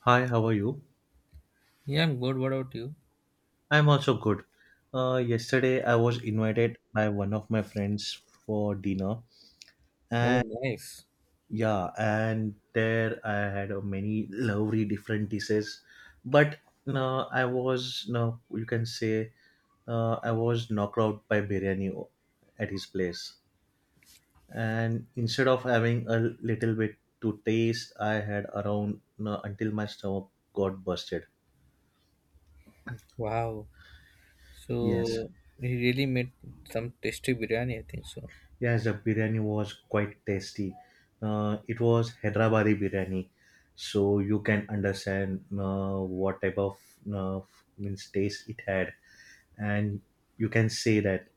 Hi, how are you? Yeah, I'm good. What about you? I'm also good. Yesterday, I was invited by one of my friends for dinner, Oh, and nice. yeah, and there I had many lovely different dishes, but no, I was no, you can say, I was knocked out by at his place, and instead of having a little bit to taste, I had around no, until my stomach got busted. Wow. Yes. So he really made some tasty biryani, I think so. Yes, the biryani was quite tasty. It was Hyderabadi biryani, so you can understand what type of uh, means taste it had, and you can say that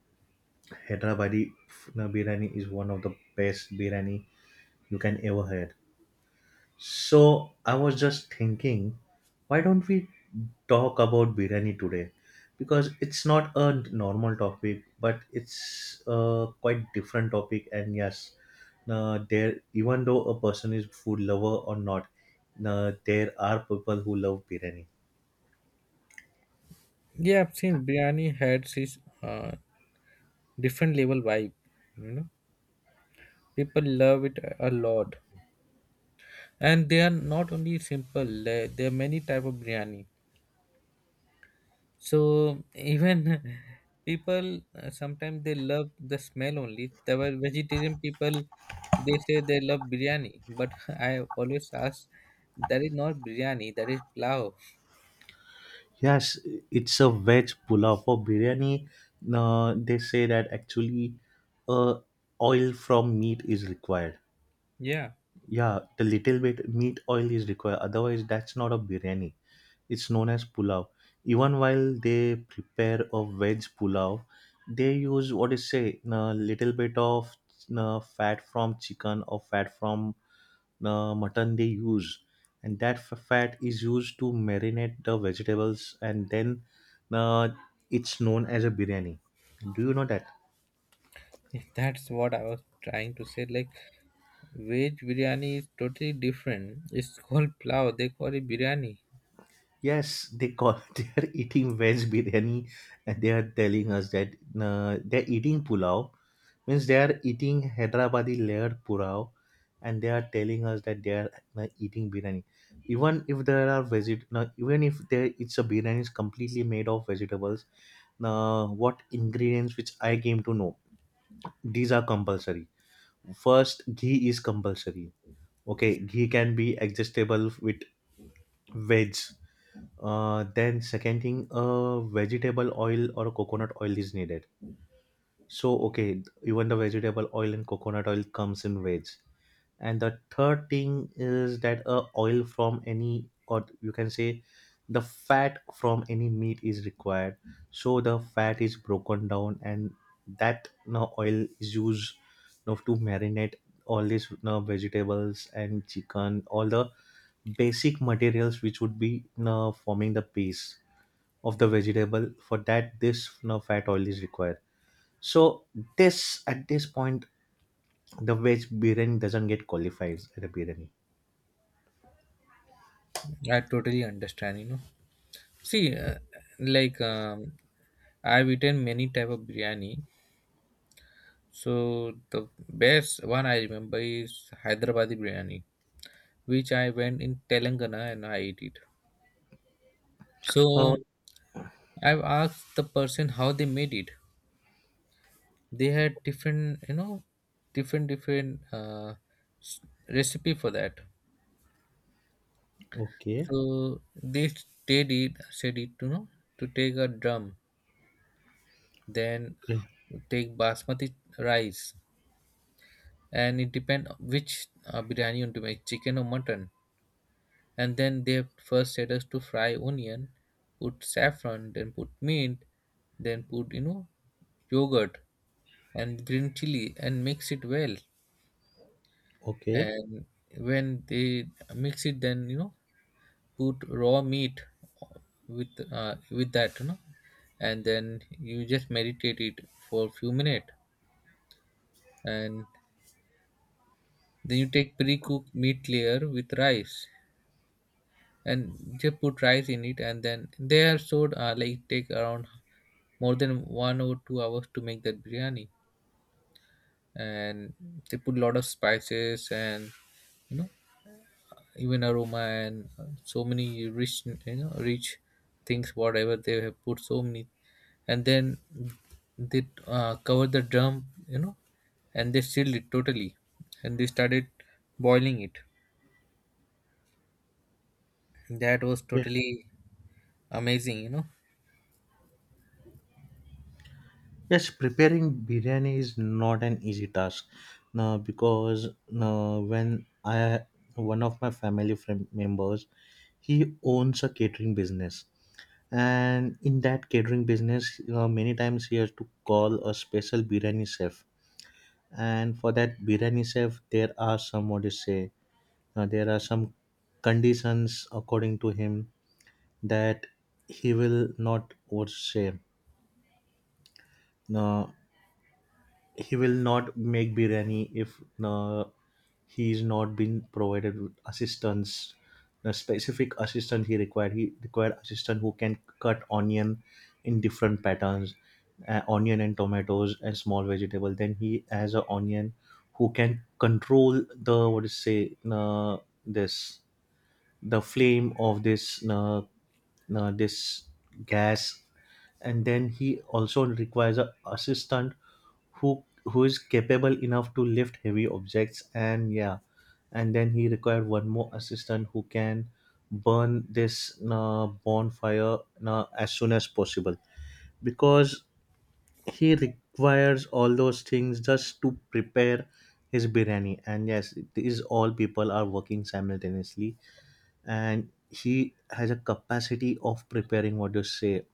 Hyderabadi biryani is one of the best biryani you can ever had. So I was just thinking, why don't we talk about biryani today? Because it's not a normal topic, but it's a quite different topic. And yes, there even though a person is food lover or not, there are people who love biryani. Yeah, I've seen biryani had this different level vibe. You know, people love it a lot, and they are not only simple. There are many type of biryani. So even people sometimes they love the smell only. There were vegetarian people they say they love biryani, but I always ask that is not biryani, that is plow. Yes, it's a veg pulao for biryani. They say that actually, uh, oil from meat is required. Yeah, Yeah, the little bit meat oil is required. Otherwise, that's not a biryani. It's known as pulao. Even while they prepare a veg pulao, they use what is say a little bit of fat from chicken or fat from mutton they use, and that fat is used to marinate the vegetables, and then uh, it's known as a biryani. Do you know that? that's what I was trying to say. Like veg biryani is totally different. It's called plow. They call it biryani. Yes, they call they are eating veg biryani, and they are telling us that they're eating pulao means they are eating Hyderabadi layered pulao, and they are telling us that they are eating biryani. Even if there are veget, no, even if there it's a biryani is completely made of vegetables. Now, what ingredients which I came to know these are compulsory. First, ghee is compulsory. Okay, ghee can be adjustable with veg, then second thing, vegetable oil or coconut oil is needed. So okay, even the vegetable oil and coconut oil comes in veg. And the third thing is that oil from any or you can say the fat from any meat is required. So the fat is broken down and that now oil is used now to marinate all these now vegetables and chicken, all the basic materials which would be now forming the piece of the vegetable for that this you know, fat oil is required so this at this point the veg biryani doesn't get qualified at a biryani. I totally understand. You know, see, like I've eaten many type of biryani. So the best one I remember is Hyderabadi biryani, which I went in Telangana and I ate it. So Uh, I've asked the person how they made it. They had different, you know, different s- recipe for that. okay So they they did said it to know to take a drum, then okay. take basmati rice, and it depend which biryani you want to make, chicken or mutton. And then they first said us to fry onion, put saffron, then put mint, then put, you know, yogurt and green chili, and mix it well. Okay. And when they mix it, then, you know, put raw meat with that, you know, and then you just meditate it for a few minutes. And then you take pre-cooked meat layer with rice, and they put rice in it, and then they are stored, like take around more than 1 or 2 hours to make that biryani. And they put a lot of spices and, you know, even aroma and, so many rich, you know, rich things whatever they have put so many. And then they cover the drum, you know, and they sealed it totally, and they started boiling it. That was Yeah. totally amazing, you know. Yes, preparing biryani is not an easy task. No, because no, when I one of my family friend members, he owns a catering business, and in that catering business, you many times he has to call a special biryani chef, and for that biryani chef there are some what you say, there are some conditions according to him that he will not what you say, uh, he will not make biryani if he not been provided with assistance, the specific assistant he required, he required assistant who can cut onion in different patterns, onion and tomatoes and small vegetable, then he has a onion who can control the what is say, this the flame of this gas, and then he also requires a assistant who is capable enough to lift heavy objects, and yeah, and then he required one more assistant who can burn this bonfire as soon as possible because he requires all those things just to prepare his biryani, and yes, these all people are working simultaneously, and he has a capacity of preparing what you say,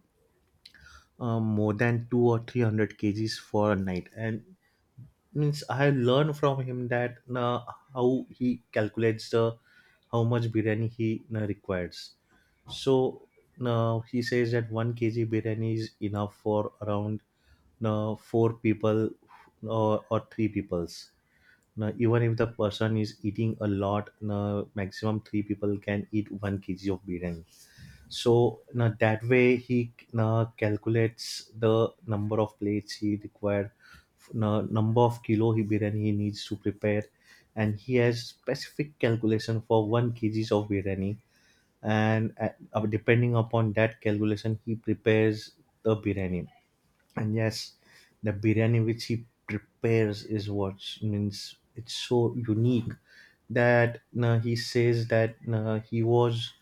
more than two or three hundred kgs for a night, and means I learned from him that how he calculates the how much biryani he requires. So now he says that 1 kg biryani is enough for around four people or three peoples. Now, even if the person is eating a lot, now maximum three people can eat 1 kg of biryani. So now that way he now calculates the number of plates he required, now number of kilo he biryani he needs to prepare, and he has specific calculation for 1 kgs of biryani, and depending upon that calculation he prepares the biryani. And yes, the biryani which he prepares is what means it's so unique that he says that he was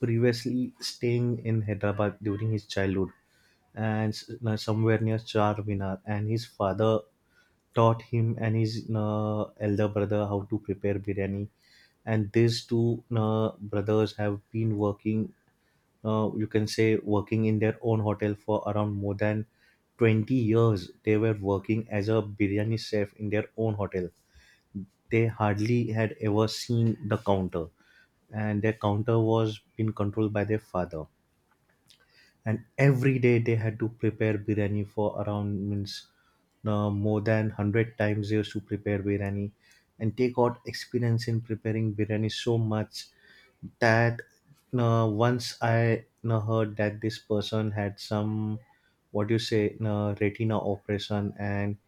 previously staying in Hyderabad during his childhood, and somewhere near Charminar, and his father taught him and his elder brother how to prepare biryani, and these two brothers have been working, you can say working in their own hotel for around more than 20 years. They were working as a biryani chef in their own hotel. They hardly had ever seen the counter, and their counter was being controlled by their father, and every day they had to prepare biryani for around means more than 100 times they used to prepare biryani, and they got experience in preparing biryani so much that once I heard that this person had some what do you say, retina operation, and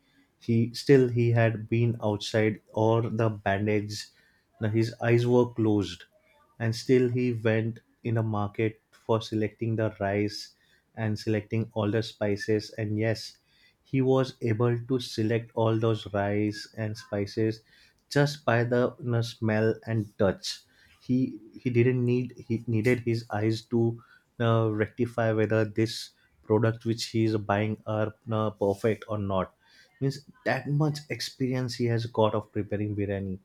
he still he had been outside or the bandage, now his eyes were closed, and still he went in the market for selecting the rice and selecting all the spices, and yes, he was able to select all those rice and spices just by the you know, smell and touch. He didn't need, he needed his eyes to rectify whether this product which he is buying are perfect or not. Means that much experience he has got of preparing biryani,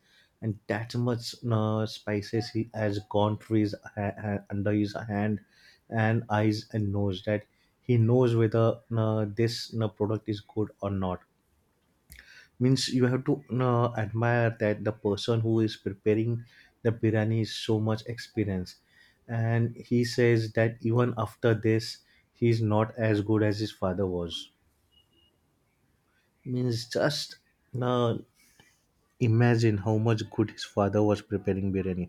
and that much spices he has gone through his under his hand and eyes and nose that he knows whether this product is good or not. Means you have to admire that the person who is preparing the biryani is so much experience, and he says that even after this he is not as good as his father was. Means just uh, imagine how much good his father was preparing biryani.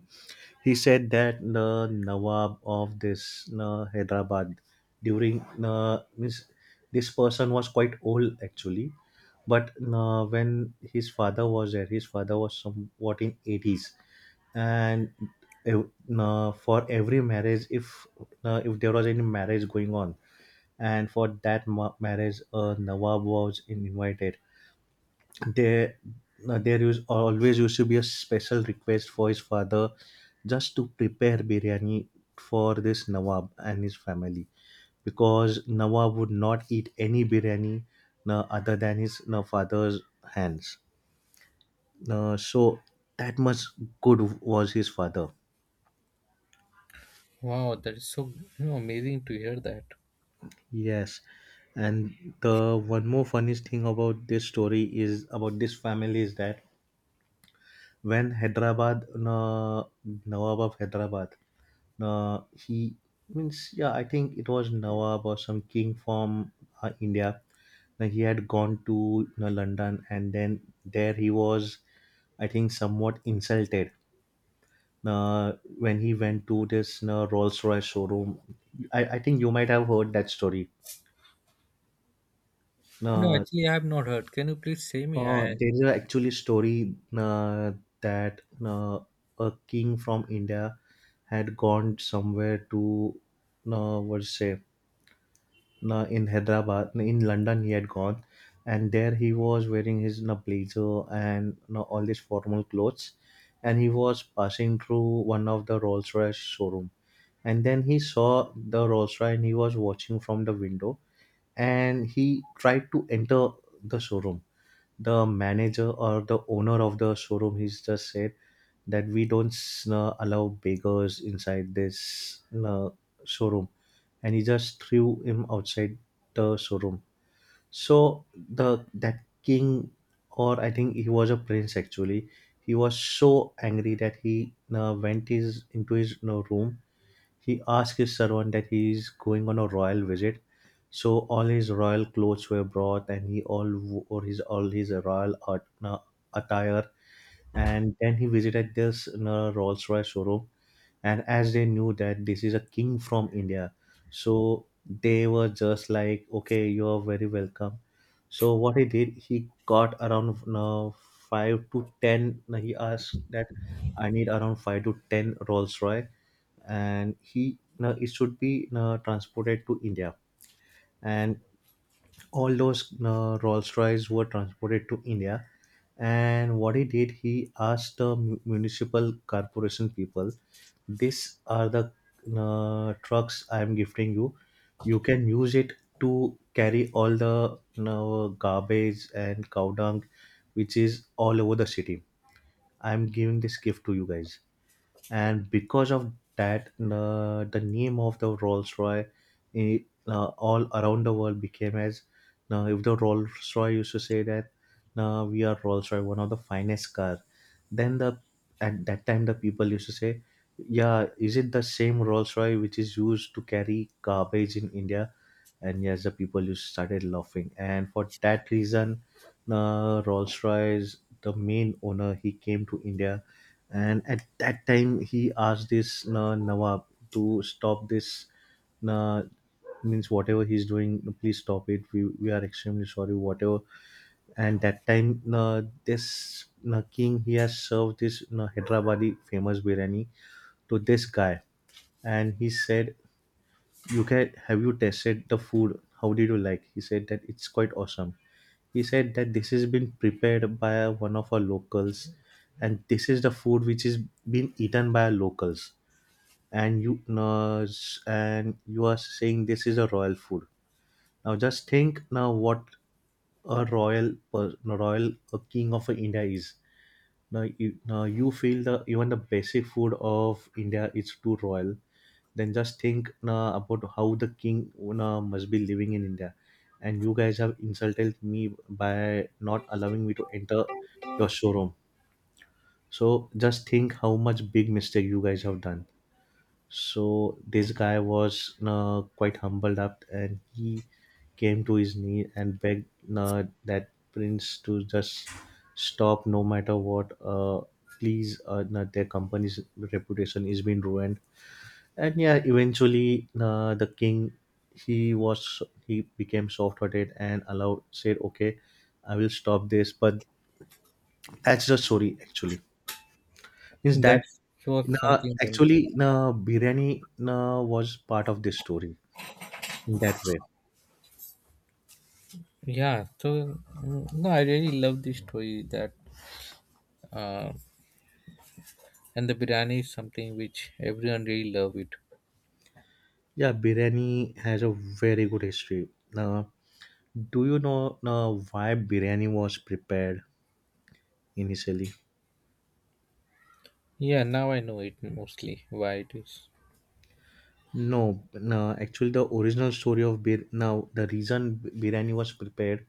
He said that the Nawab of this Hyderabad during means this person was quite old actually, but when his father was there, his father was somewhat in eighties, and ev- for every marriage, if there was any marriage going on, and for that marriage, Nawab was invited there. Uh, there used always used to be a special request for his father just to prepare biryani for this Nawab and his family, because Nawab would not eat any biryani other than his father's hands. So that much good was his father. Wow, that is so, you know, amazing to hear that. Yes, and the one more funniest thing about this story is about this family is that when Hyderabad Nawab of Hyderabad, he means yeah. I think it was Nawab or some king from India. Now, he had gone to you know, London, and then there he was. I think somewhat insulted uh, when he went to this you know, Rolls Royce showroom. I think you might have heard that story. No, Uh, actually, I have not heard. Can you please say me? I there is actually a story that a king from India had gone somewhere to, what to say, na, in Hyderabad, na, in London he had gone, and there he was wearing his blazer and all these formal clothes, and he was passing through one of the Rolls Royce showroom, and then he saw the Rolls Royce and he was watching from the window, and he tried to enter the showroom. The manager or the owner of the showroom he's just said that we don't allow beggars inside this showroom, and he just threw him outside the showroom. So the that king, or I think he was a prince actually, he was so angry that he went his into his you know, room. He asked his servant that he is going on a royal visit, so all his royal clothes were brought, and he all wore his all his royal attire. And then he visited this Rolls Royce showroom, and as they knew that this is a king from India, so they were just like okay you are very welcome. So what he did, he got around 5 to 10, he asked that I need around 5 to 10 Rolls Royce, and he no, it should be no, transported to India, and all those Rolls Royce were transported to India. And what he did, he asked the municipal corporation people, "These are the trucks I am gifting you. You can use it to carry all the garbage and cow dung, which is all over the city. "I am giving this gift to you guys." And because of that the name of the Rolls Royce eh, all around the world became as, now if the Rolls Royce used to say that now we are Rolls Royce, one of the finest car, then, the at that time the people used to say, "Yeah, is it the same Rolls Royce which is used to carry garbage in India?" And yes, the people just started laughing, and for that reason, Rolls Royce, the main owner, he came to India. And at that time he asked this nawab to stop this, uh, means, whatever he's doing, please stop it, we are extremely sorry whatever. And that time this king, he has served this Hyderabadi famous biryani to this guy. And he said, "You can have, you tested the food, how did you like?" He said that, "It's quite awesome." He said that, "This has been prepared by one of our locals, and this is the food which is being eaten by our locals. And you uh, and you are saying this is a royal food. Now just think now, what a royal, a king of India is. Now you feel the even the basic food of India is too royal. Then just think now about how the king now must be living in India, and you guys have insulted me by not allowing me to enter your showroom. So just think how much big mistake you guys have done." So this guy was quite humbled up, and he came to his knee and begged that prince to just stop, no matter what. Please, no, their company's reputation is being ruined. And yeah, eventually the king, he became soft-hearted and allowed, said, "Okay, I will stop this." But that's the story actually, is that that was na, something wonderful. actually na, biryani na, was part of this story in that way. Yeah, so, mm, no, I really love this story, that uh, and the biryani is something which everyone really love it. Yeah, biryani has a very good history. Now, do you know now why biryani was prepared initially? Yeah, now I know it mostly why it is. No, no. Actually, the original story of bir now the reason biryani was prepared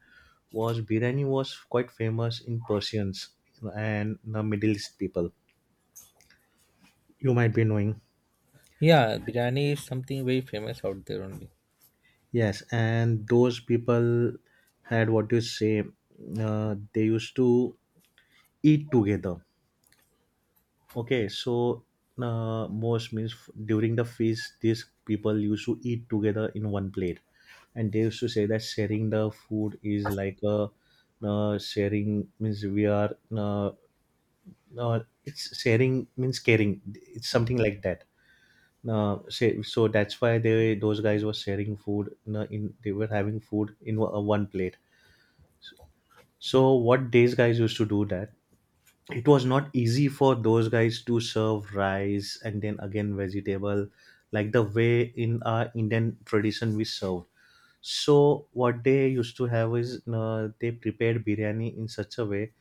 was, biryani was quite famous in Persians and the Middle East people. You might be knowing. Yeah, biryani is something very famous out there only. Yes, and those people had, what you say, they used to eat together. Okay, so most means during the feast, these people used to eat together in one plate, and they used to say that sharing the food is like a sharing means we are uh, it's sharing means caring. It's something like that. So that's why they those guys were sharing food. In They were having food in one plate. So what these guys used to do that, it was not easy for those guys to serve rice and then again vegetable, like the way in our Indian tradition we serve. So what they used to have is, they prepared biryani in such a way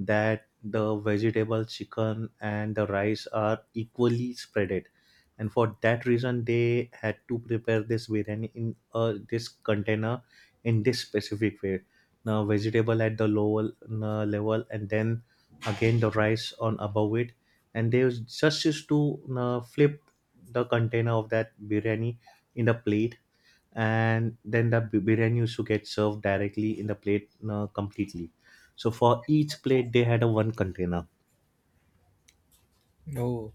that the vegetable, chicken, and the rice are equally spreaded. And for that reason, they had to prepare this biryani in this container in this specific way. Now, vegetable at the lower level, and then again the rice on above it. And just used to flip the container of that biryani in the plate, and then the biryani used to get served directly in the plate completely. So for each plate they had a one container. Oh,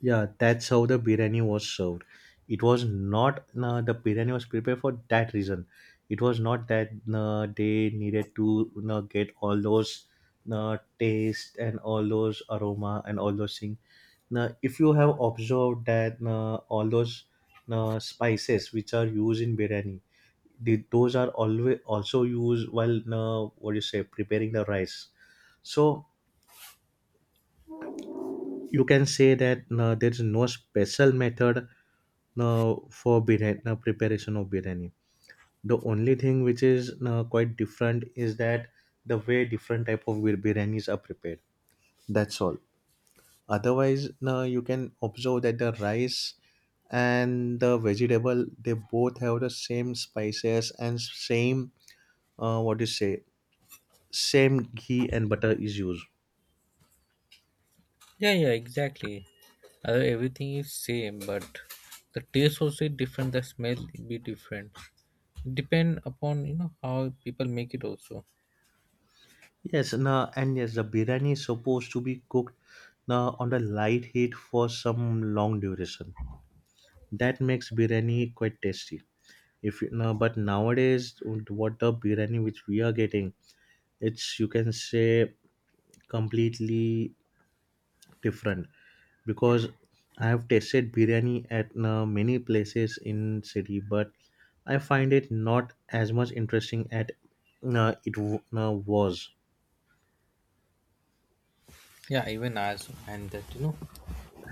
Yeah, that's how the biryani was served. It was not the biryani was prepared for that reason. It was not that they needed to, you know, get all those taste and all those aroma and all those things. Now if you have observed that all those spices which are used in biryani, those are always also used while what you say, preparing the rice. So you can say that there is no special method for biryani, preparation of biryani. The only thing which is quite different is that the way different type of biryanis are prepared, that's all. Otherwise you can observe that the rice and the vegetable, they both have the same spices and same what you say, same ghee and butter is used. yeah, yeah, exactly. Although everything is same, but the taste also different. The smell be different. Depend upon, you know, how people make it also. Yes, and yes, the biryani is supposed to be cooked now on the light heat for some long duration. That makes biryani quite tasty. If you know, but nowadays, what the biryani which we are getting, it's you can say completely different, because I have tasted biryani at many places in city, but I find it not as much interesting at was. Yeah, even us and that, you know,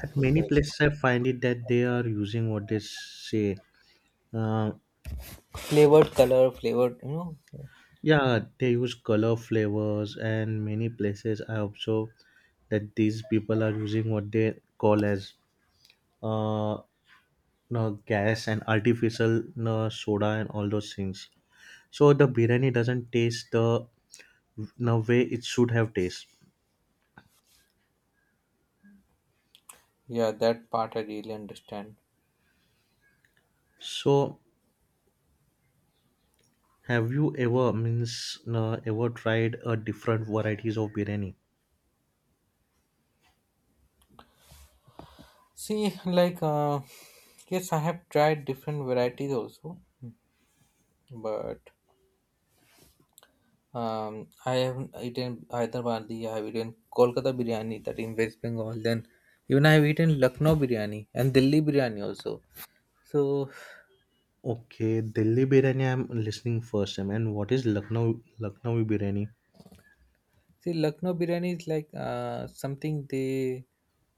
At many the places, I find it that they are using what they say. Uh, flavored color flavored, you know. yeah, they use color flavors, and many places I observe that these people are using what they call as, uh, no, gas and artificial, no, soda and all those things. So the biryani doesn't taste the, no, way it should have taste. Yeah, that part I really understand. So have you ever, means, no, ever tried a different varieties of biryani? See, like, yes, I have tried different varieties also, but I haven't eaten Hyderabadi. I have eaten Kolkata biryani, that in West Bengal, then even I have eaten Lucknow biryani and Delhi biryani also. So Okay, Delhi biryani I'm listening first time. And what is Lucknowi biryani? see, Lucknow biryani is like something they,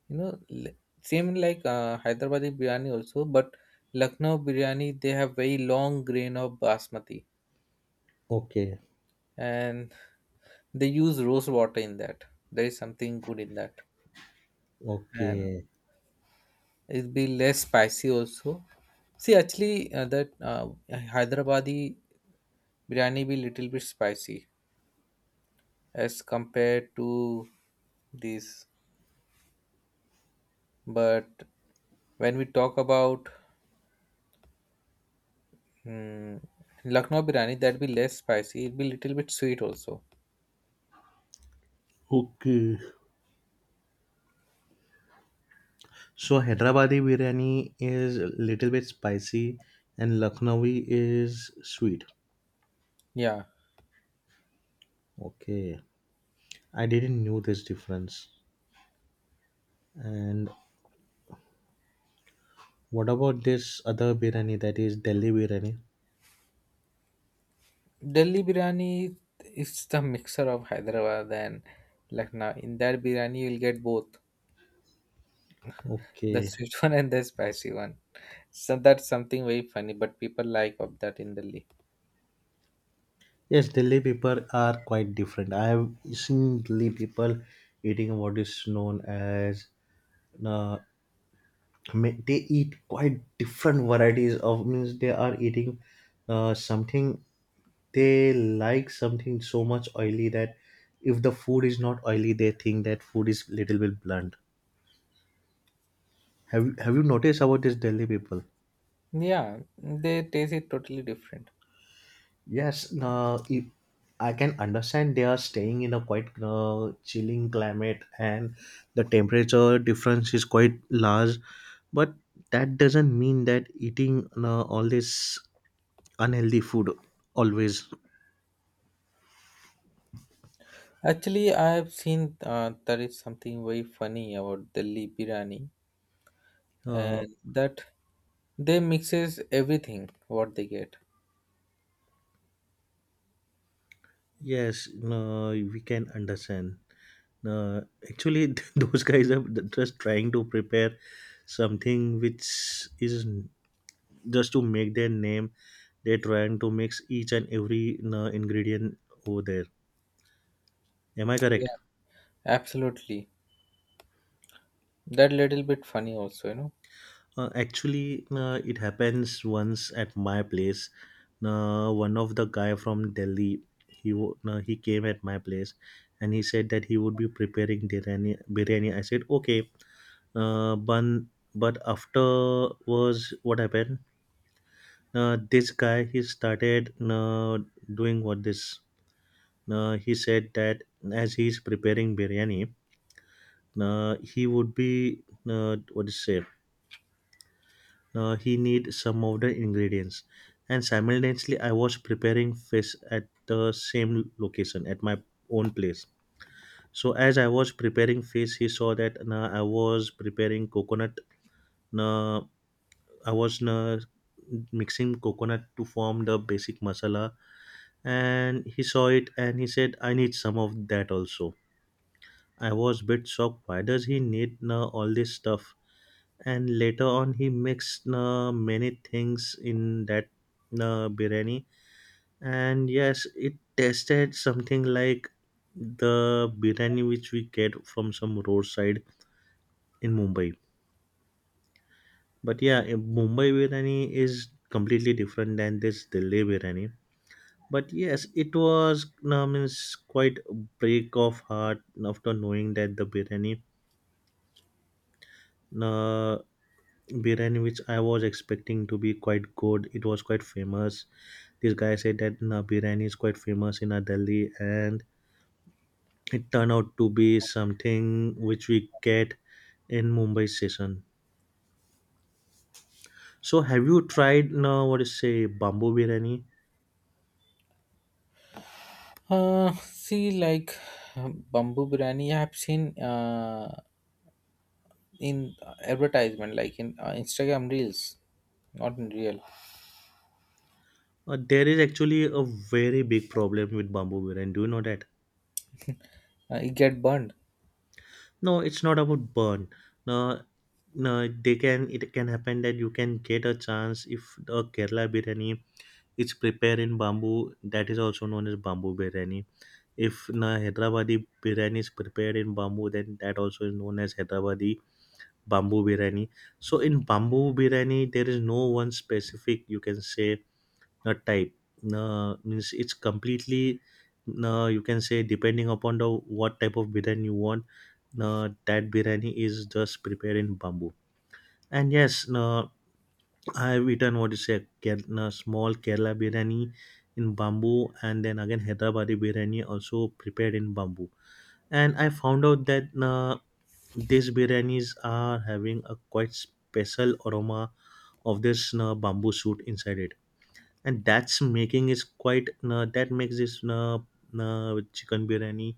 you know, same like Hyderabadi biryani also, but Lucknow biryani they have very long grain of basmati, Okay, and they use rose water in that. There is something good in that, and okay, it'll be less spicy also. See, actually, that Hyderabadi biryani be little bit spicy as compared to this, but when we talk about, hmm, Lucknow biryani, that'd be less spicy. It'd be little bit sweet also. okay. So Hyderabadi biryani is a little bit spicy, and Lucknowi is sweet. Yeah. Okay, I didn't knew this difference. And what about this other biryani, that is Delhi biryani? Delhi biryani is the mixer of Hyderabad and Lucknow. In that biryani, you'll get both the Okay. sweet one and the spicy one. So that's something very funny, but people like of that in Delhi. Yes, Delhi people are quite different. I have seen Delhi people eating what is known as uh, they eat quite different varieties of, means they are eating something, they like something so much oily that if the food is not oily, they think that food is little bit blunt. Have you noticed about this Delhi people? Yeah, they taste it totally different. Yes, I can understand, they are staying in a quite chilling climate, and the temperature difference is quite large, but that doesn't mean that eating all this unhealthy food always. Actually, I have seen, there is something very funny about Delhi biryani, uh, and that they mixes everything what they get. yes, no, we can understand. uh, Actually those guys are just trying to prepare something which is just to make their name. They're trying to mix each and every ingredient over there. Am I Yeah, correct? absolutely. That little bit funny also, you know. Actually, it happens once at my place. One of the guy from Delhi, he came at my place, and he said that he would be preparing biryani. Biryani. I said, okay, uh, but but afterwards, what happened? This guy, he started doing what this. He said that, as he's preparing biryani, he would be, what is to say, he need some of the ingredients. And simultaneously I was preparing fish at the same location at my own place. So as I was preparing fish, he saw that I was preparing coconut, uh, I was mixing coconut to form the basic masala. And he saw it and he said, "I need some of that also." I was bit shocked, why does he need all this stuff. And later on he mixed many things in that biryani. And yes, it tasted something like the biryani which we get from some roadside in Mumbai. But yeah, in Mumbai biryani is completely different than this Delhi biryani. But yes, it was, means, quite a break of heart after knowing that the biryani, uh, which I was expecting to be quite good, it was quite famous. This guy said that biryani is quite famous in Delhi, and it turned out to be something which we get in Mumbai station. So, have you tried what is say, bamboo biryani? See, like bamboo biryani, I have seen in advertisement, like in Instagram reels, not in real. There is actually a very big problem with bamboo biryani. Do you know that? It get burned. No, it's not about burn. No, no, they can. It can happen that you can get a chance if a Kerala biryani is prepared in bamboo, that is also known as bamboo biryani. If na Hyderabadi biryani is prepared in bamboo, then that also is known as Hyderabadi bamboo biryani. So in bamboo biryani, there is no one specific you can say a type. Means it's completely you can say depending upon the what type of biryani you want. That biryani is just prepared in bamboo. And yes, no, I've eaten what is a small Kerala biryani in bamboo, and then again Hyderabadi biryani also prepared in bamboo. And I found out that these biryanis are having a quite special aroma of this bamboo shoot inside it, and that's making is quite that makes this chicken biryani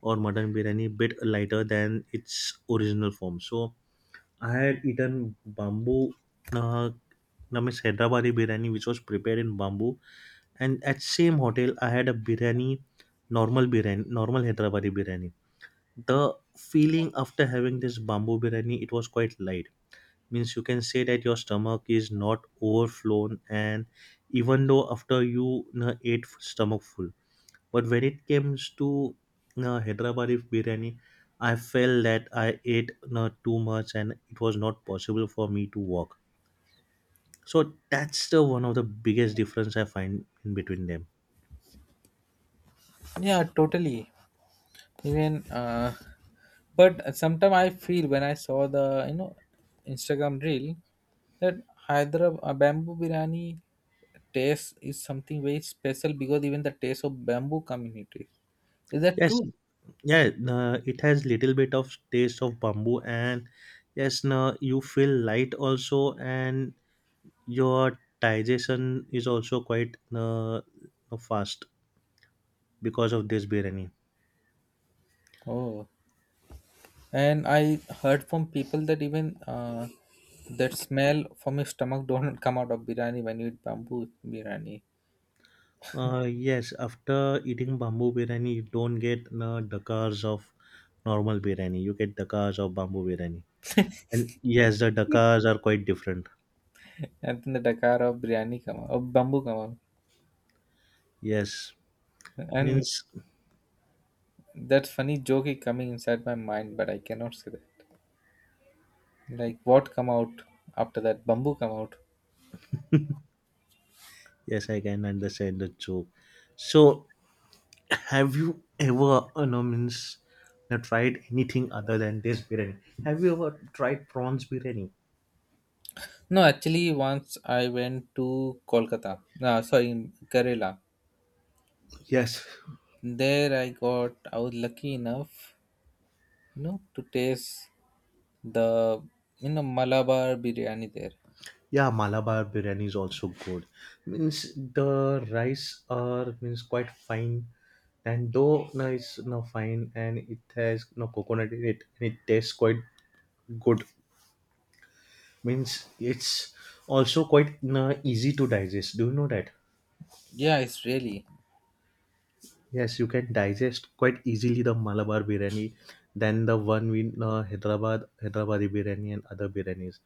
or mutton biryani bit lighter than its original form. So I had eaten bamboo. Uh, I mean, Hyderabadi biryani, which was prepared in bamboo, and at same hotel I had a biryani, normal Hyderabadi biryani. The feeling after having this bamboo biryani, it was quite light. Means you can say that your stomach is not overflown, and even though after you ate stomach full. But when it comes to Hyderabadi biryani, I felt that I ate too much, and it was not possible for me to walk. So that's the one of the biggest difference I find in between them. Yeah, totally. Even but sometimes I feel when I saw the, you know, Instagram reel that Hyderabad bamboo biryani taste is something very special, because even the taste of bamboo community. Is that Yes. true? Yeah, it has little bit of taste of bamboo, and yes, no, you feel light also, and your digestion is also quite fast because of this biryani. Oh. And I heard from people that even that smell from your stomach don't come out of biryani when you eat bamboo biryani. Yes, after eating bamboo biryani, you don't get dakars of normal biryani, you get dakars of bamboo biryani. And yes, the dakars are quite different. And then the dakar of biryani come out, of bamboo come out. Yes. And Means, that funny joke is coming inside my mind, but I cannot say that, like what come out after that bamboo come out. yes, I can understand the joke. So, have you ever, you know, means, you know, tried anything other than this biryani? Have you ever tried prawns biryani? No, actually, once I went to Kolkata, no, sorry, Kerala, Yes. there I got, I was lucky enough, you know, to taste the, you know, Malabar biryani there. Yeah, Malabar biryani is also good. Means the rice are, means quite fine, and though, no, it's no fine, and it has no coconut in it, and it tastes quite good. Means it's also quite, no, easy to digest. Do you know that? Yeah, it's really. Yes, you can digest quite easily the Malabar biryani than the one in Hyderabadi biryani and other biryanis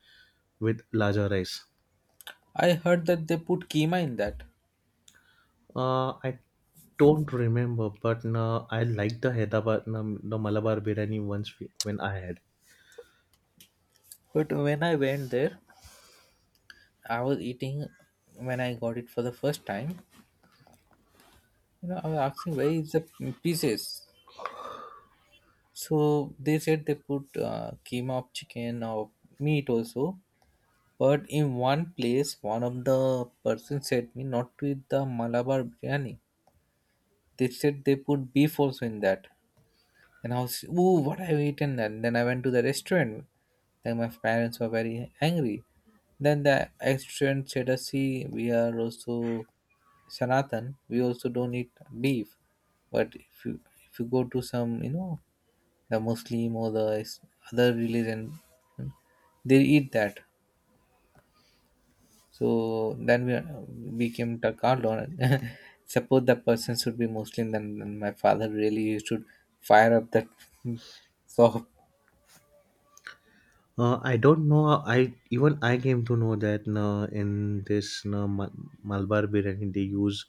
with larger rice. I heard that they put keema in that. I don't remember, but no, I like the Hyderabad, no, the Malabar biryani once we, when I had. But when I went there, I was eating when I got it for the first time. You know, I was asking where is the pieces. So they said they put keema of chicken or meat also. But in one place, one of the person said me not to eat the Malabar biryani. They said they put beef also in that. Then I was, ooh, what I've eaten. And then I went to the restaurant. Then my parents were very angry. Then the restaurant said, "See, we are also Sanatan. We also don't eat beef. But if you go to some, you know, the Muslim or the other religion, they eat that. So then we became Takardon. Suppose the person should be Muslim, then my father really should fire up that so." I don't know. I even I came to know that, no, in this, no, Malabar biryani they use,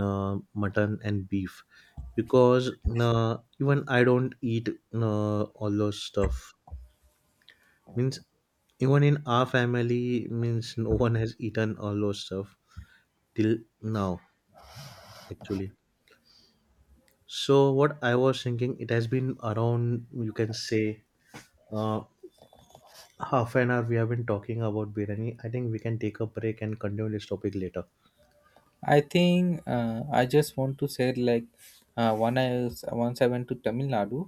no, mutton and beef, because, no, even I don't eat, no, all those stuff. Means even in our family, means no one has eaten all those stuff till now, actually. So what I was thinking, it has been around, you can say, uh, half an hour we have been talking about biryani. I think we can take a break and continue this topic later. I think I just want to say, like, once I went to Tamil Nadu,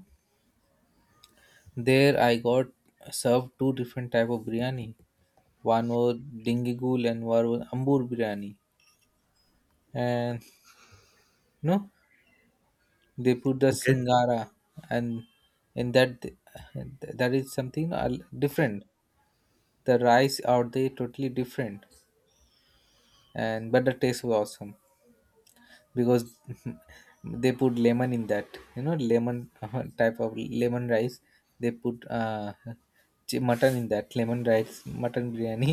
there I got served two different type of biryani. One was dingigool and one was ambur biryani. And no, they put the Okay. singara, and in that that is something different. The rice out there totally different, and but the taste was awesome, because they put lemon in that, you know, lemon, type of lemon rice they put, mutton in that lemon rice mutton biryani.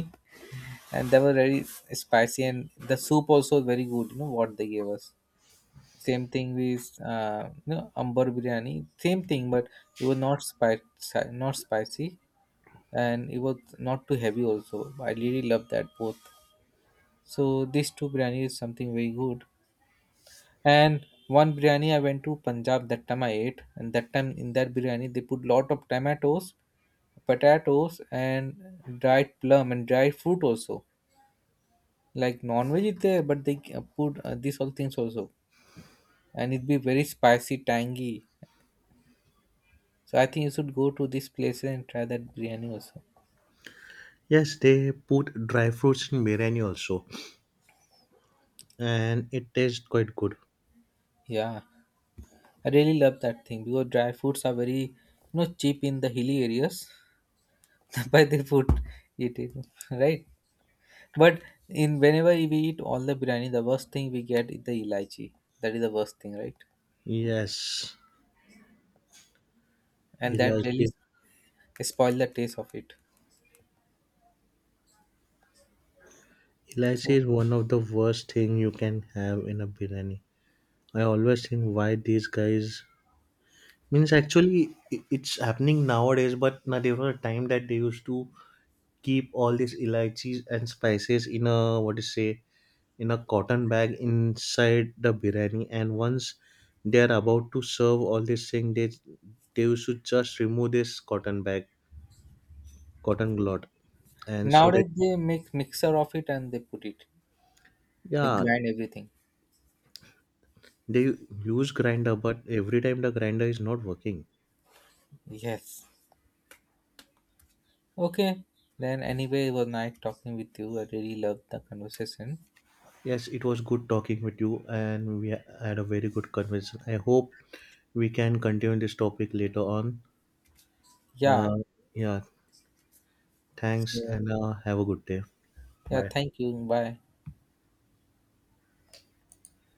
And they were very spicy, and the soup also very good, you know, what they gave us. Same thing with, you know, amber biryani, same thing, but it was not spicy, not spicy, and it was not too heavy also. I really love that both. So these two biryani is something very good. And one biryani I went to Punjab, that time I ate, and that time in that biryani they put lot of tomatoes, potatoes, and dried plum and dried fruit also. Like non veg is there, but they put these all things also, and it be very spicy, tangy. So I think you should go to this place and try that biryani also. Yes, they put dry fruits in biryani also, and it tastes quite good. Yeah, I really love that thing because dry fruits are very, you know, cheap in the hilly areas. But they put it in, right? But in whenever we eat all the biryani, the worst thing we get is the elaichi. That is the worst thing, right? Yes, And that elaichi. really spoil the taste of it. Elaichi So is one of the worst thing you can have in a biryani. I always think why these guys, means actually it's happening nowadays, but now there were a time that they used to keep all these elaichis and spices in a, what to say, in a cotton bag inside the biryani, and once they are about to serve all this thing, they used to just remove this cotton bag, cotton glot, and so that. nowadays they make mixer of it and they put it. They Yeah, grind everything. they use grinder, but every time the grinder is not working. Yes. Okay. Then anyway, it was nice talking with you. I really loved the conversation. Yes, it was good talking with you, and we had a very good conversation. I hope we can continue this topic later on. Yeah. Uh, yeah, thanks, So and have a good day. yeah, Bye. thank you. Bye.